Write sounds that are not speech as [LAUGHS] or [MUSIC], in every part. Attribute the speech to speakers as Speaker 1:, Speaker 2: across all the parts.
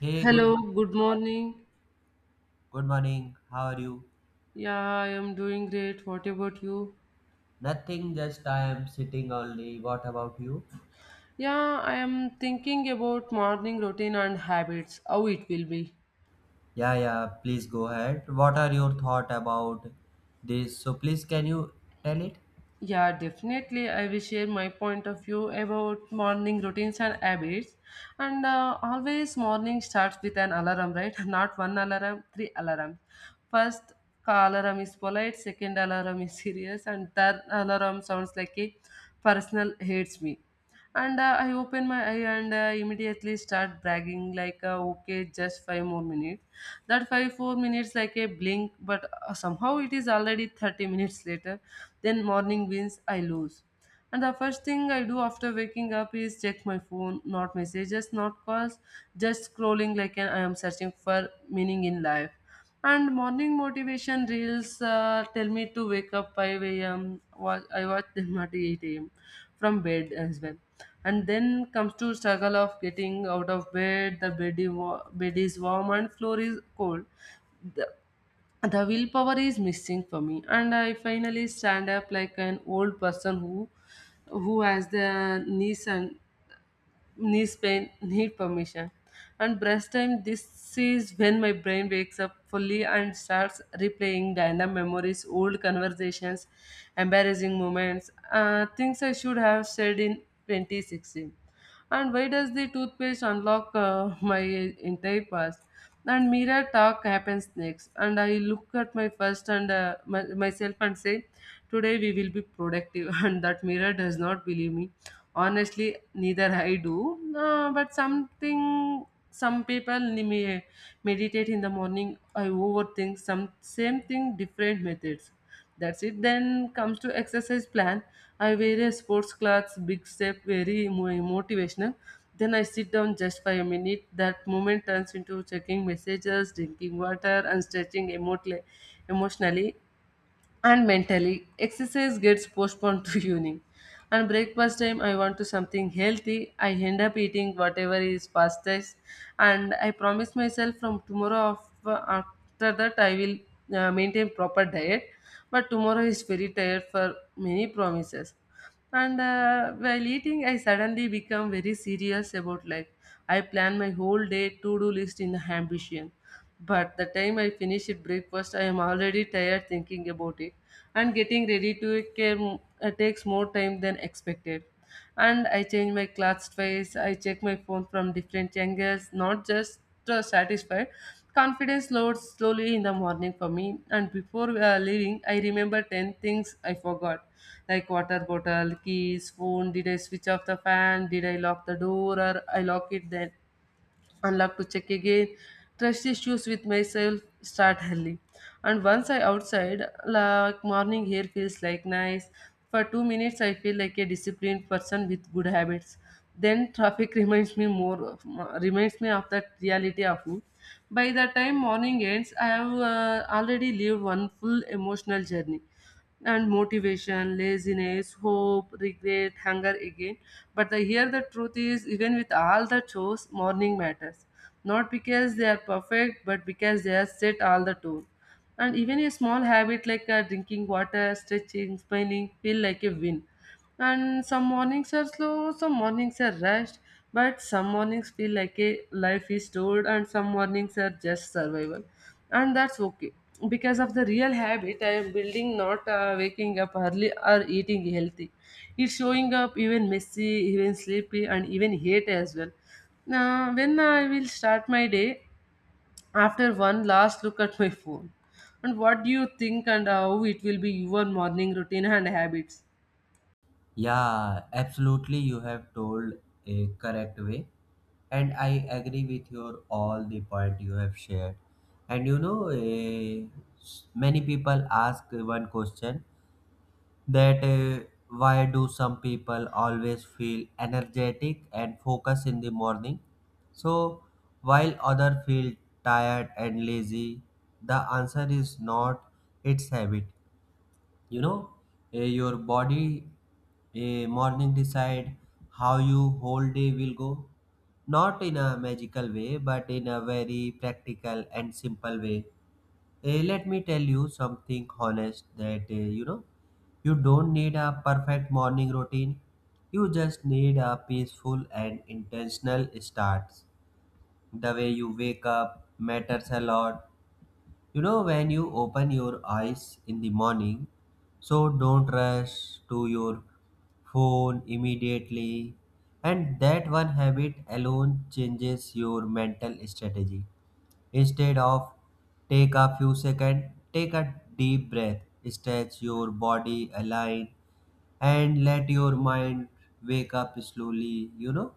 Speaker 1: Hey, good
Speaker 2: Hello,
Speaker 1: morning.
Speaker 2: good
Speaker 1: How are you?
Speaker 2: morning.
Speaker 1: Good morning. How are you?
Speaker 2: Yeah, I am doing great. What about you?
Speaker 1: Nothing, just I am sitting only. What about you?
Speaker 2: Yeah, I am thinking about morning routine and habits, how it will be.
Speaker 1: Yeah, yeah, please go ahead. What are your thought about this? So please can you tell it?
Speaker 2: Yeah, definitely. I will share my point of view about morning routines and habits. And Always morning starts with an alarm, right? [LAUGHS] Not one alarm, three alarms. First alarm is polite, second alarm is [LAUGHS] serious, and third alarm sounds like a personal hates me and I open my eye and immediately start bragging okay, just five more minutes. That 5, 4 minutes like a blink, but somehow it is already 30 minutes later. Then morning wins, I lose. And the first thing I do after waking up is check my phone, not messages, not calls, just scrolling like an, I am searching for meaning in life. And morning motivation reels tell me to wake up 5 a.m. I watch [LAUGHS] them at 8 a.m. from bed as well. And then comes to struggle of getting out of bed. The bed, is bed is warm and floor is cold. The, the willpower is missing for me. And I finally stand up like an old person who has the knees and knees pain need permission. And breast time, this is when my brain wakes up fully and starts replaying random memories, old conversations, embarrassing moments, things I should have said in 2016. And why does the toothpaste unlock my entire past? And mirror talk happens next, and I look at my first myself and say, today we will be productive. [LAUGHS] And that mirror does not believe me. Honestly, neither I do, but something, some people meditate in the morning. I overthink some same thing, different methods. That's it. Then comes to exercise plan. I wear a sports clothes, big step, very motivational. Then I sit down just for a minute. That moment turns into checking messages, drinking water, and stretching emotionally and mentally. Exercise gets postponed to [LAUGHS] evening. And breakfast time, I want to something healthy, I end up eating whatever is fastest. And I promise myself from tomorrow, after that I will maintain proper diet. But tomorrow is very tired for many promises. And While eating, I suddenly become very serious about life. I plan my whole day to-do list in ambition, but the time I finish it breakfast, I am already tired thinking about it. And getting ready to it came, takes more time than expected. And I change my clothes twice, I check my phone from different angles, not just satisfied. Confidence lowered slowly in the morning for me, and before leaving, I remember 10 things I forgot, like water bottle, keys, phone, did I switch off the fan, did I lock the door, or I lock it then and love to check again. Trust issues with myself start early. And once I outside, like morning hair feels like nice. For 2 minutes, I feel like a disciplined person with good habits. Then traffic [LAUGHS] reminds me of that reality of me. By the time morning ends, I have already lived one full emotional journey and motivation, laziness, hope, regret, hunger again. But the here the truth is, even with all the chores, morning matters. Not because they are perfect, but because they are set all the tone. And even a small habit like drinking water, stretching, smiling feel like a win. And some mornings are slow, some mornings are rushed, but some mornings feel like a life is stored, and some mornings are just survival, and that's okay. Because of the real habit I am building, not waking up early or eating healthy, it's showing up even messy, even sleepy, and even hate as well. Now when I will start my day, after one last look at my phone. And what do you think, and how it will be your morning routine and habits?
Speaker 1: Yeah, absolutely you have told a correct way. And I agree with your all the point you have shared. And you know, eh, s- Many people ask one question that why do some people always feel energetic and focused in the morning, so while other feel tired and lazy. The answer is not its habit, you know. Your body, morning decide how you whole day will go, not in a magical way, but in a very practical and simple way. Let me tell you something honest that you know, you don't need a perfect morning routine. You just need a peaceful and intentional starts. The way you wake up matters a lot. You know, when you open your eyes in the morning, so don't rush to your phone immediately, and that one habit alone changes your mental strategy. Instead of take a few seconds, take a deep breath, stretch your body, align, and let your mind wake up slowly. You know,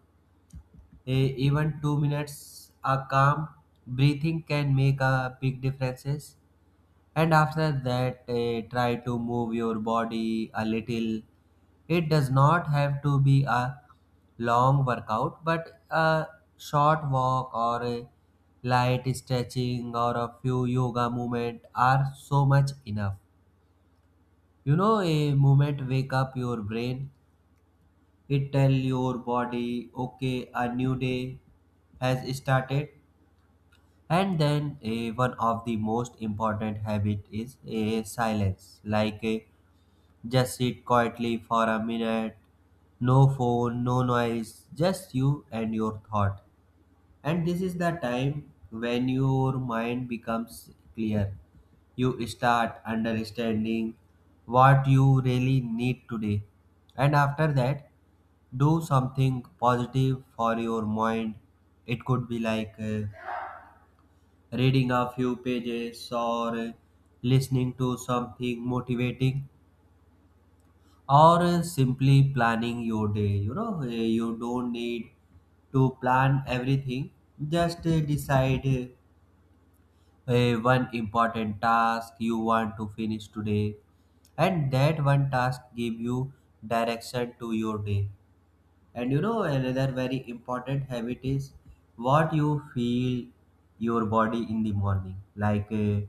Speaker 1: E- even 2 minutes a calm breathing can make a big differences. And after that, try to move your body a little. It does not have to be a long workout, but a short walk, or a light stretching, or a few yoga movement are so much enough. You know, a movement wake up your brain. It tell your body, okay, a new day has started. And then, one of the most important habit is a silence, like a just sit quietly for a minute. No phone, no noise, just you and your thought. And this is the time when your mind becomes clear. You start understanding what you really need today. And after that, do something positive for your mind. It could be like reading a few pages, or listening to something motivating, or simply planning your day. You know, you don't need to plan everything. Just decide one important task you want to finish today. And that one task give you direction to your day. And you know, another very important habit is what you feel your body in the morning, like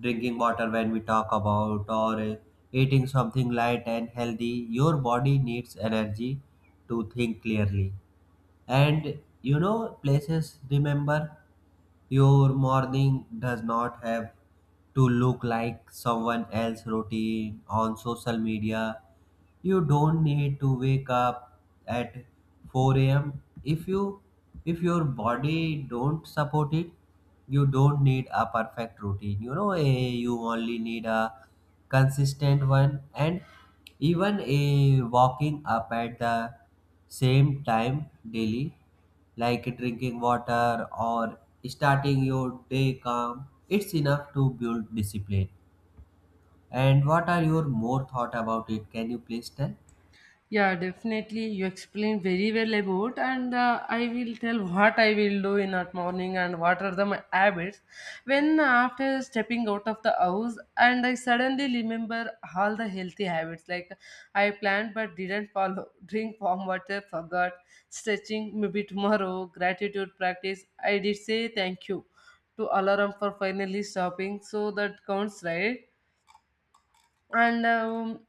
Speaker 1: drinking water when we talk about, or eating something light and healthy. Your body needs energy to think clearly. And you know, places remember, your morning does not have to look like someone else routine on social media. You don't need to wake up at 4 a.m if you, if your body don't support it. You don't need a perfect routine, you know. A, you only need a consistent one, and even a walking up at the same time daily, like drinking water or starting your day calm, it's enough to build discipline. And what are your more thought about it? Can you please tell?
Speaker 2: Yeah, definitely. You explained very well about, and I will tell what I will do in that morning and what are the my habits. When After stepping out of the house, and I suddenly remember all the healthy habits like I planned but didn't follow, [LAUGHS] drink warm water, forgot, stretching maybe tomorrow, gratitude practice. I did say thank you to alarm for finally stopping, so that counts, right? And um,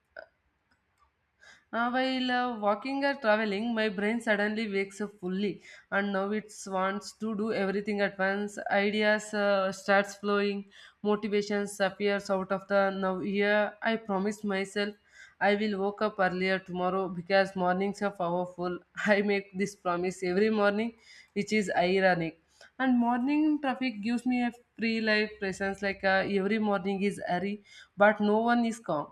Speaker 2: uh, while uh, walking or traveling, my brain suddenly wakes up fully, and now it wants to do everything at once. Ideas starts flowing, motivations appears out of the now. Here, I promised myself I will wake up earlier tomorrow because mornings are powerful. [LAUGHS] I make this promise every morning, which is ironic. And morning traffic gives me a free life presence, every morning is hurry but no one is calm.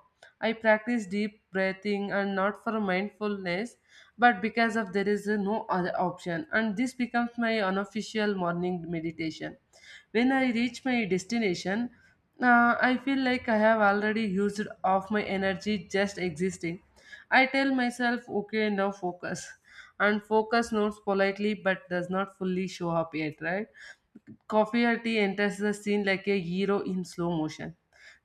Speaker 2: I practice deep breathing, and not for mindfulness, but because of there is no other option, and this becomes my unofficial morning meditation. When I reach my destination, I feel like I have already used off my energy just existing. I tell myself, okay, now focus. And focus nods politely but does not fully show up yet, right? Coffee or tea enters the scene like a hero in slow motion.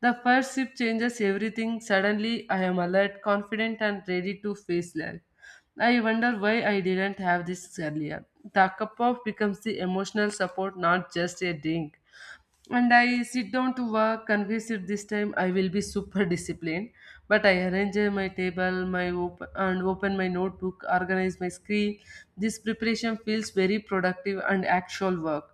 Speaker 2: The first sip changes everything. Suddenly, I am alert, confident, and ready to face life. I wonder why I didn't have this earlier. The cup of becomes the emotional support, not just a drink. And I sit down to work convinced that this time I will be super [LAUGHS] disciplined. But I arrange my table, my open and open my notebook, organize my screen. This preparation feels very productive and actual work.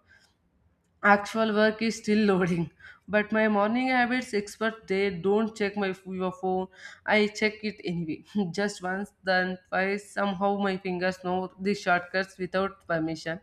Speaker 2: Actual work is still loading, but my morning habits expert they don't check my your phone. I check it anyway, [LAUGHS] just once, then twice. Somehow my fingers know the shortcuts without permission.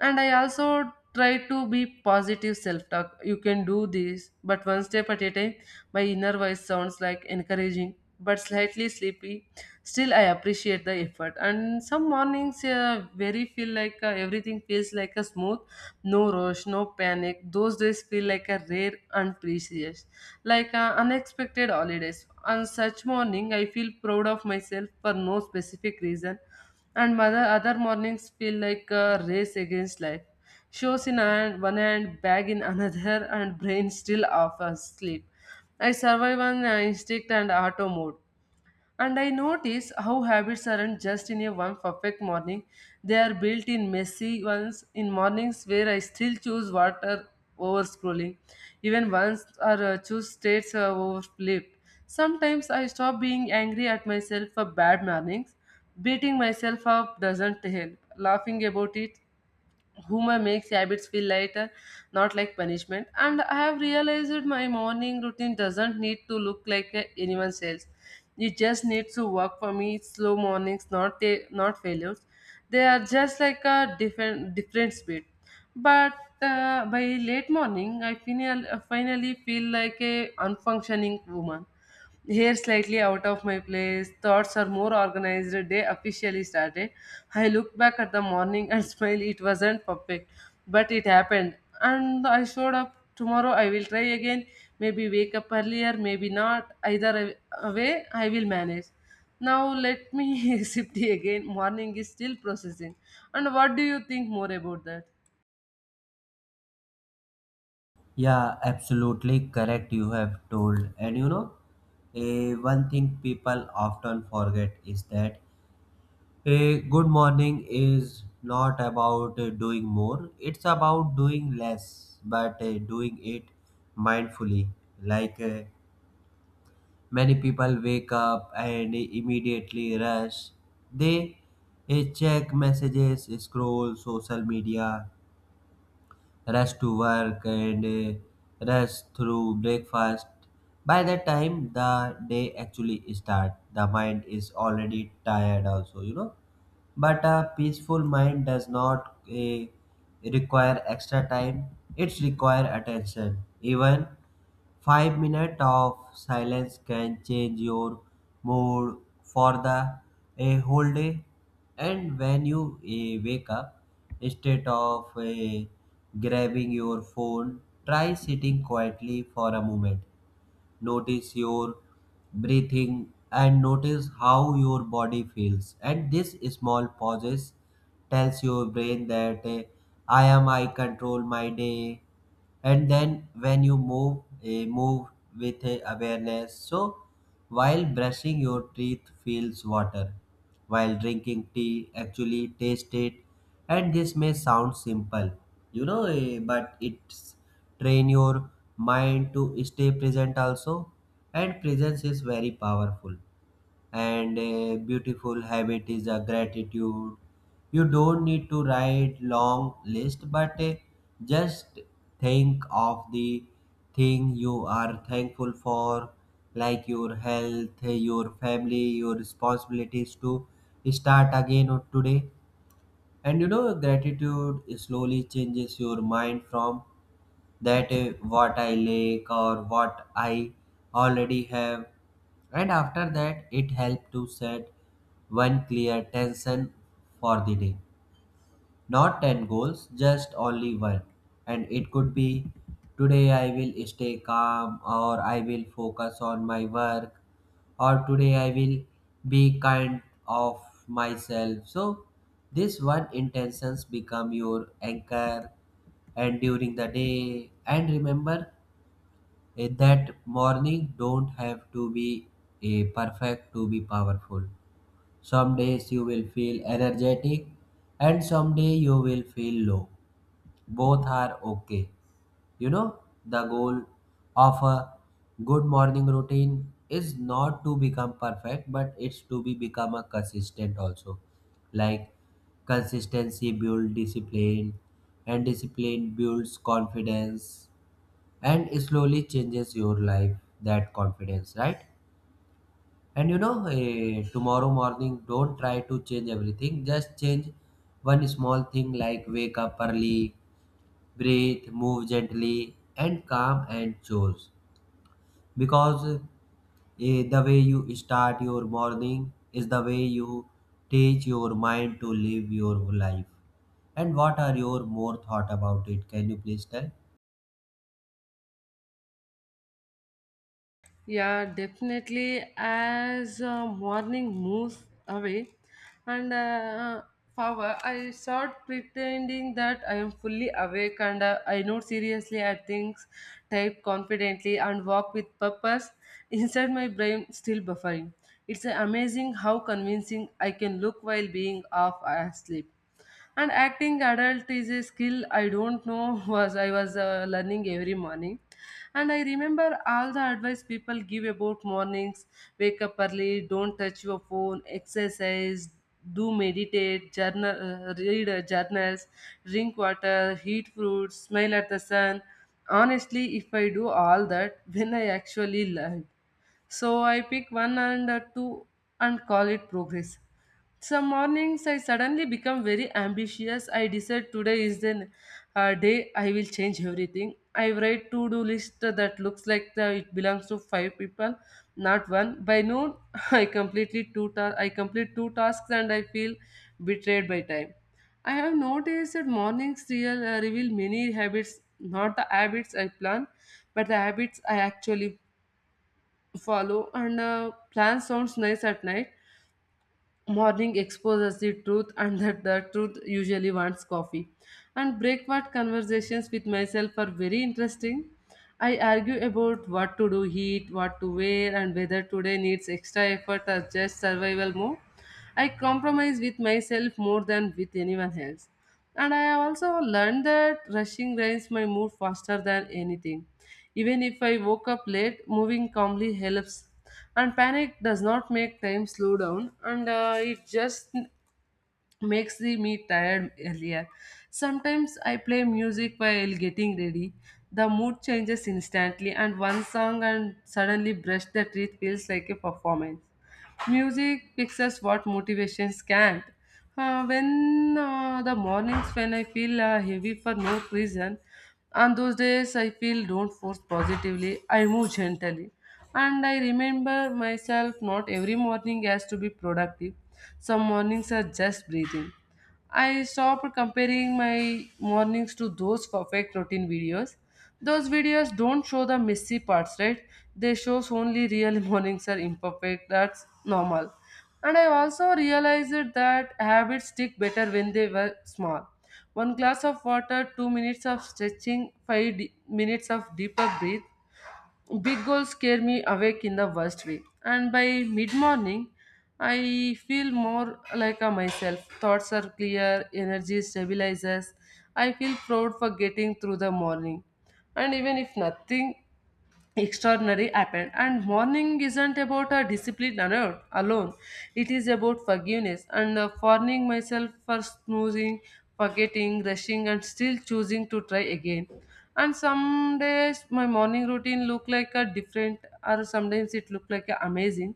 Speaker 2: And I also try to be positive self-talk. You can do this, but one step at a time. My inner voice sounds like encouraging but slightly sleepy. Still, I appreciate the effort. And some mornings very feel like everything feels like a smooth, no rush, no panic. Those days feel like a rare and precious, like unexpected holidays. On such morning, I feel proud of myself for no specific reason, and mother, other mornings feel like a race against life. Shows in hand, one hand, bag in [LAUGHS] another, and brain still offers sleep. I survive on instinct and auto mode. And I notice how habits aren't just in a one perfect morning. They are built in messy ones, in mornings where I still choose water over scrolling. Even once, or choose states over sleep. Sometimes I stop being angry at myself for bad mornings. Beating myself up doesn't help. Laughing about it, humor makes habits feel lighter, not like punishment. And I have realized my morning routine doesn't need to look like anyone else. It just needs to work for me. Slow mornings, not failures. They are just like a different different speed. But by late morning, I finally, finally feel like a unfunctioning woman, hair slightly out of my place, thoughts are more organized, day officially started. I looked back at the morning and [LAUGHS] smiled. It wasn't perfect, but it happened. And I showed up. Tomorrow I will try again. Maybe wake up earlier, maybe not. Either way, I will manage. Now let me [LAUGHS] sip tea again. Morning is still processing. And what do you think more about that?
Speaker 1: Yeah, absolutely correct. You have told, and you know, a one thing people often forget is that a good morning is not about doing more; it's about doing less, but doing it mindfully. Like many people wake up and immediately rush. They check messages, scroll social media, rush to work, and rush through breakfast. By the time the day actually starts, the mind is already tired also, you know. But a peaceful mind does not require extra time, it requires attention. Even 5 minutes of silence can change your mood for the a whole day. And when you wake up, instead of grabbing your phone, try sitting quietly for a moment. Notice your breathing, and notice how your body feels, and this small pauses tells your brain that I am, I control my day. And then when you move, move with awareness. So while brushing your teeth feels water, while drinking tea actually taste it. And this may sound simple, you know, but it's train your mind to stay present also. And presence is very powerful. And a beautiful habit is a gratitude. You don't need to write long list, but just think of the thing you are thankful for, like your health, your family, your responsibilities to start again or today. And you know, gratitude slowly changes your mind from that what I lack or what I already have. And after that, it helped to set one clear tension for the day. Not 10 goals, just only one. And it could be, today I will stay calm, or I will focus on my work, or today I will be kind of myself. So, this one intentions become your anchor and during the day. And remember, that morning don't have to be a perfect to be powerful. Some days you will feel energetic, and some day you will feel low. Both are okay. You know, the goal of a good morning routine is not to become perfect, but it's to be become a consistent also. Like consistency builds discipline, and discipline builds confidence, and slowly changes your life that confidence, right? And you know, tomorrow morning, don't try to change everything. Just change one small thing, like wake up early, breathe, move gently, and calm and choose. Because the way you start your morning is the way you teach your mind to live your life. And what are your more thought about it? Can you please tell?
Speaker 2: Yeah, definitely. As morning moves away, and however, I start pretending that I am fully awake, and I note seriously at things, type confidently, and walk with purpose. Inside my brain, still buffering. It's amazing how convincing I can look while being half asleep. And acting adult is a skill I don't know [LAUGHS] was I was learning every morning. And I remember all the advice people give about mornings: wake up early, don't touch your phone, exercise, do meditate journal, read journals, drink water, eat fruits, smile at the sun. Honestly, if I do all that [LAUGHS] then I actually learn. So I pick one and two and call it progress. Some mornings I suddenly become very ambitious. I decide today is the day I will change everything. I write to-do list that looks like the, it belongs to five people, not one. By noon, [LAUGHS] I completely I complete two tasks and I feel betrayed by time. I have noticed that mornings reveal many habits, not the habits I plan, but the habits I actually follow. And plan sounds nice at night. Morning exposes the truth, and that the truth usually wants coffee. And breakfast conversations with myself are very interesting. I argue about what to do, eat, what to wear, and whether today needs extra effort or just survival mode. I compromise with myself more than with anyone else. And I have also learned that rushing drains my mood faster than anything. Even if I woke up late, moving calmly helps. And panic does not make time slow down, and it just makes the me tired earlier. Sometimes I play music while getting ready. The mood changes instantly, and one song and suddenly brush the teeth feels like a performance. Music fixes what motivations can't. When the mornings when I feel heavy for no reason, on those days I feel don't force positively, I move gently. And I remember myself not every morning has to be productive. Some mornings are just breathing. I stopped comparing my mornings to those perfect routine videos. Those videos don't show the messy parts, right? They shows only real [LAUGHS] mornings are imperfect. That's normal. And I also realized that habits stick better when they were small. One glass of water, 2 minutes of stretching, minutes of deeper breath. Big goals scare me awake in the worst way, and by mid morning, I feel more like a myself. Thoughts are clear, energy stabilizes. I feel proud for getting through the morning, and even if nothing extraordinary happened and morning isn't about a discipline alone. It is about forgiveness and forgiving myself for snoozing, forgetting, rushing, and still choosing to try again. And some days my morning routine look like a different, or sometimes it look like a amazing,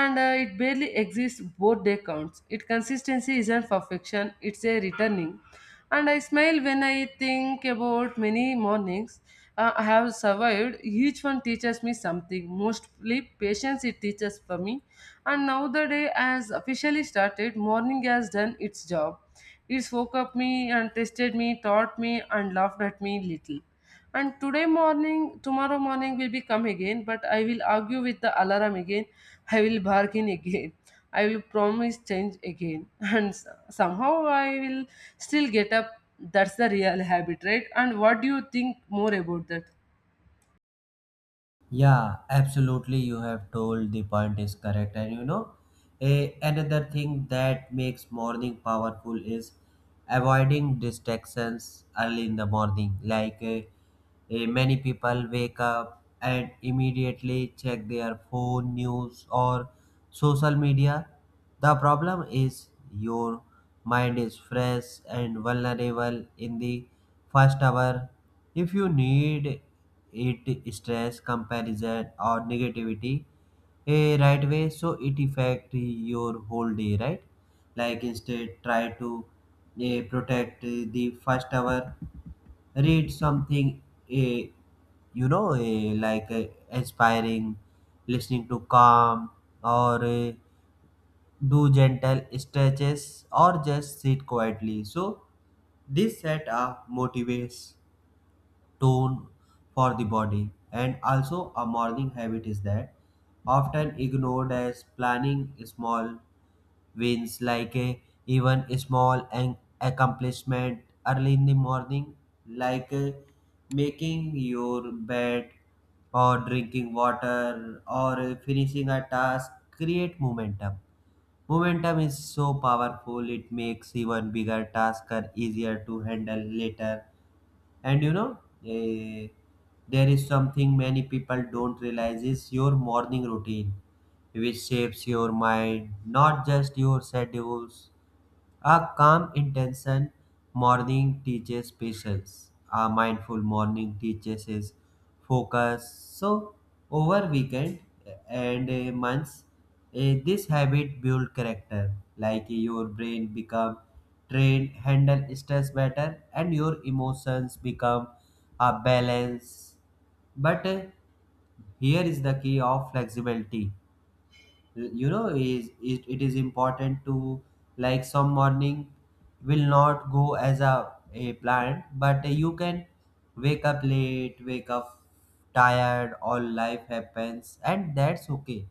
Speaker 2: and it barely exists. Both day counts. Its consistency isn't perfection, it's a returning. And I smile when I think about many mornings I have survived. Each one teaches me something, mostly patience. It teaches for me. And now the day has officially started. Morning has done its job. It woke up me and tested me, taught me, and laughed at me little. And today morning, tomorrow morning will be come again. But I will argue with the alarm again, I will bargain again, I will promise change again, [LAUGHS] and somehow I will still get up. That's the real habit, right? And what do you think more about that?
Speaker 1: Yeah, absolutely. You have told the point is correct. And you know, another thing that makes morning powerful is avoiding distractions early in the morning. Like many people wake up and immediately check their phone, news, or social media. The problem is your mind is fresh and vulnerable in the first hour. If you need it stress, comparison, or negativity a right way, so it affect your whole day, right? Like instead, try to protect the first hour. Read something, eh, like inspiring, listening to calm, or do gentle stretches, or just sit quietly. So, this set a motivates tone for the body. And also, a morning habit is that often ignored as planning small wins, like a even a small an accomplishment early in the morning, like making your bed, or drinking water, or finishing a task create momentum. Momentum is so powerful, it makes even bigger tasks easier to handle later. And you know, eh, there is something many people don't realize is your morning routine, which shapes your mind, not just your schedules. A calm intention morning teaches patience. A mindful morning teaches is focus. So over weekend, and months, this habit build character. Like your brain become trained, handle stress better, and your emotions become a balance. But here is the key of flexibility, you know, it is important to, like some morning will not go as a planned, but you can wake up late, wake up tired, all life happens, and that's okay.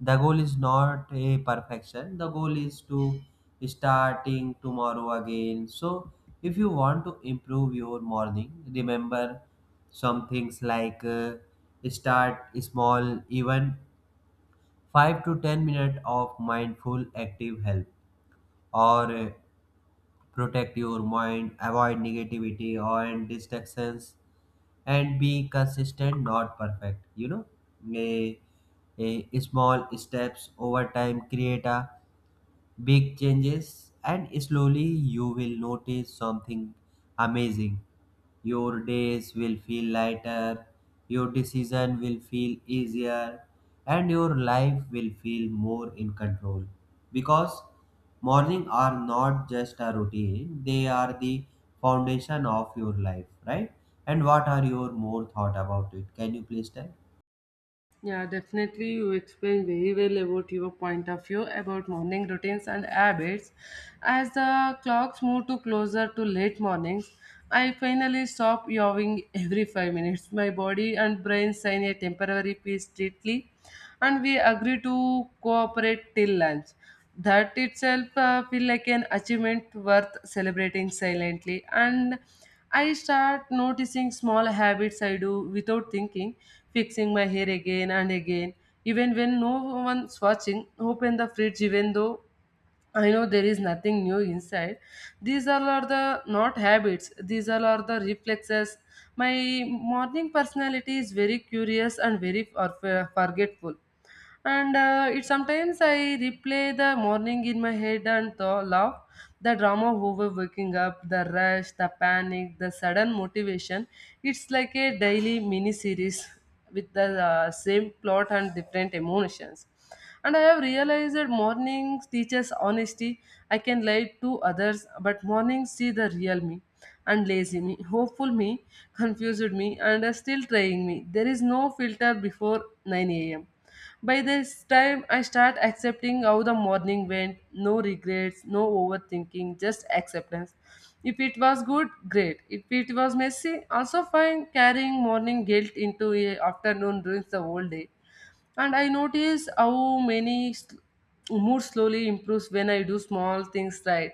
Speaker 1: The goal is not a perfection, the goal is to starting tomorrow again. So if you want to improve your morning, remember some things, like start small, even 5 to 10 minutes of mindful active help, or protect your mind, avoid negativity or and distractions, and be consistent, not perfect, you know. a, a small steps over time create a big changes, and slowly you will notice something amazing. Your days will feel lighter, your decision will feel easier, and your life will feel more in control. Because morning are not just a routine, they are the foundation of your life, right? And what are your more thought about it? Can you please tell?
Speaker 2: Yeah, definitely. You explained very well about your point of view about morning routines and habits. As the clocks move to closer to late mornings, I finally stop yawing every 5 minutes. My body and brain sign a temporary peace treaty, and we agree to cooperate till lunch. That itself feel like an achievement worth celebrating silently. And I start noticing small habits I do without thinking, fixing my hair again and again, even when no one's watching, open the fridge even though I know there is nothing new inside. These all are the not habits, these all are the reflexes. My morning personality is very curious and forgetful. And it sometimes I replay the morning in my head and laugh. The drama of over waking up, the rush, the panic, the sudden motivation. It's like a daily mini series with the same plot and different emotions. And I have realized that mornings teaches honesty. I can lie to others, but mornings see the real me, and lazy me, hopeful me, confused me, and are still trying me. There is no filter before 9 a.m. By this time, I start accepting how the morning went. No regrets, no overthinking, just acceptance. If it was good, great. If it was messy, also fine. Carrying morning guilt into a afternoon ruins the whole day. And I notice how many mood slowly improves when I do small things right.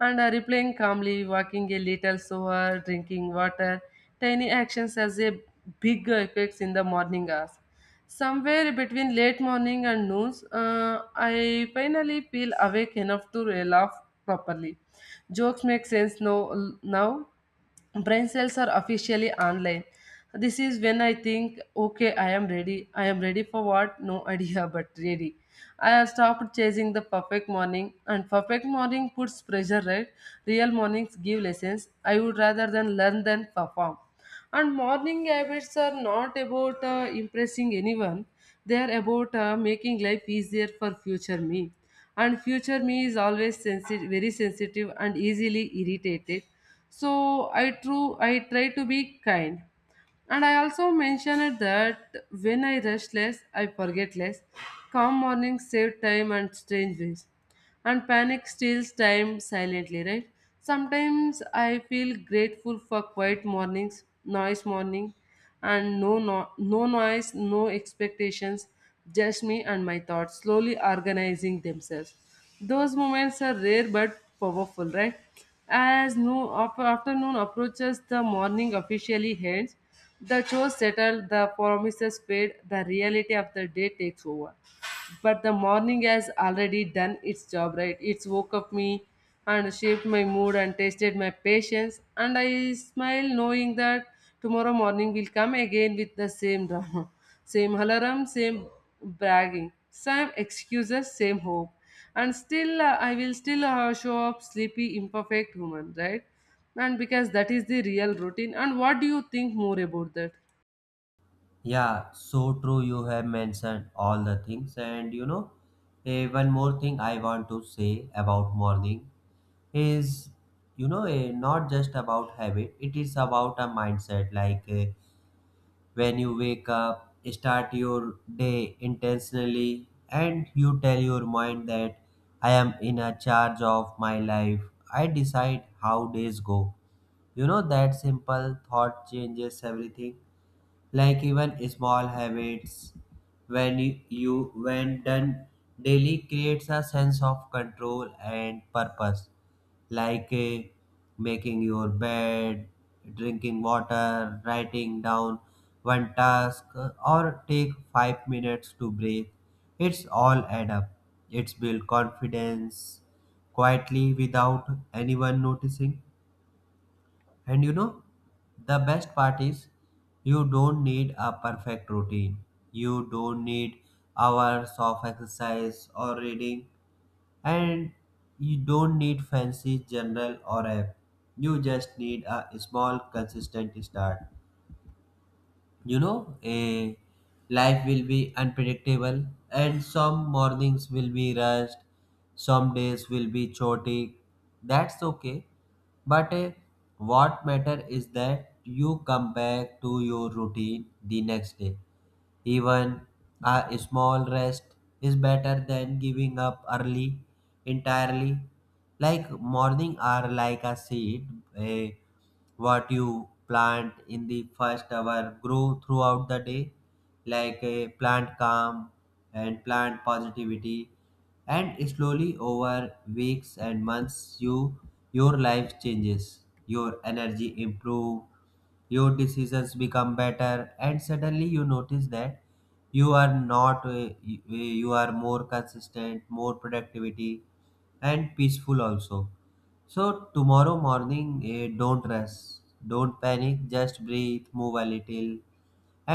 Speaker 2: And I replaying calmly, walking a little slower, drinking water. Tiny actions has a big effects in the morning hours. Somewhere between late morning and noon, I finally feel awake enough to laugh properly. Jokes make sense now. Brain cells are officially online. This is when I think, okay, I am ready. I am ready for what? No idea, [LAUGHS] but ready. I have stopped chasing the perfect morning, and perfect morning puts pressure, right? Real mornings give lessons. I would rather than learn than perform. And morning habits are not about impressing anyone, they are about making life easier for future me. And future me is always sensitive, very sensitive and easily irritated. So I, I try to be kind. And I also mentioned that when I rush less, I forget less. Calm mornings save time and strange ways. And panic steals time silently, right? Sometimes I feel grateful for quiet mornings, noise morning, and no, no, no noise, no expectations, just me and my thoughts slowly organizing themselves. Those moments are rare but powerful, right? As no afternoon approaches, the morning officially ends. The chores settle, the promises fade, the reality of the day takes over. But the morning has already done its job, right? It's woke up me and shaped my mood and tested my patience. And I smile knowing that tomorrow morning will come again with the same drama, [LAUGHS] same alarm, same bragging, same excuses, same hope. And still I will still show up sleepy, imperfect human, right? And because that is the real routine. And what do you think more about that?
Speaker 1: Yeah, so true. You have mentioned all the things, and you know, one more thing I want to say about morning is, you know, not just about habit. It is about a mindset. Like when you wake up, start your day intentionally, and you tell your mind that I am in a charge of my life. I decide how days go. You know that simple thought changes everything. Like even small habits, when you when done daily creates a sense of control and purpose, like making your bed, drinking water, writing down one task, or take 5 minutes to breathe. It's all add up, it's build confidence quietly without anyone noticing. And you know, the best part is you don't need a perfect routine. You don't need hours of exercise or reading. And you don't need fancy journal or app. You just need a small, consistent start. You know, a life will be unpredictable, and some mornings will be rushed, some days will be chaotic. That's okay. But what matter is that you come back to your routine the next day. Even a small rest is better than giving up early entirely. Like morning are like a seed, eh, what you plant in the first hour grow throughout the day, like a plant calm and plant positivity, and slowly over weeks and months, you, your life changes, your energy improve, your decisions become better, and suddenly you notice that you are not you are more consistent, more productivity, and peaceful also. So tomorrow morning, don't rush, don't panic, just breathe, move a little,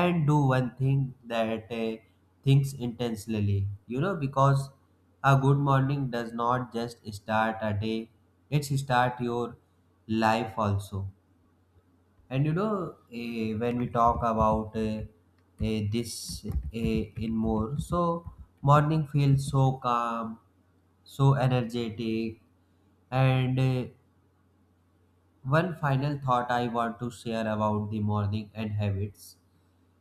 Speaker 1: and do one thing that thinks intentionally, you know, because a good morning does not just start a day, it's start your life also. And you know, eh, when we talk about eh, eh, this eh, in more, so morning feels so calm, so energetic. And one final thought I want to share about the morning and habits.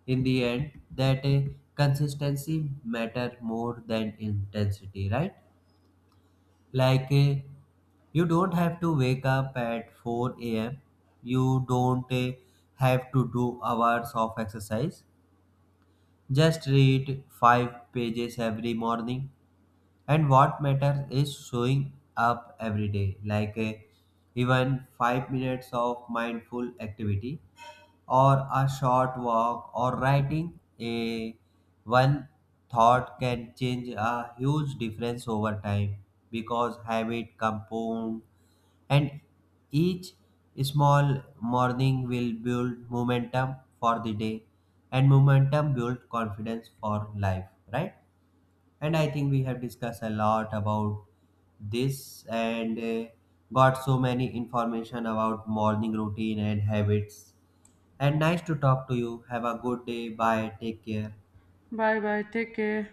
Speaker 1: In the end, that consistency matter more than intensity, right? Like, you don't have to wake up at 4 a.m. You don't have to do hours of exercise. Just read 5 pages every morning. And what matters is showing up every day. Like, even 5 minutes of mindful activity, or a short walk, or writing a one thought can change a huge difference over time, because habit compound, and each small morning will build momentum for the day, and momentum build confidence for life, right? And I think we have discussed a lot about this, and got so many information about morning routine and habits. And nice to talk to you. Have a good day. Bye, take care.
Speaker 2: Bye bye, take care.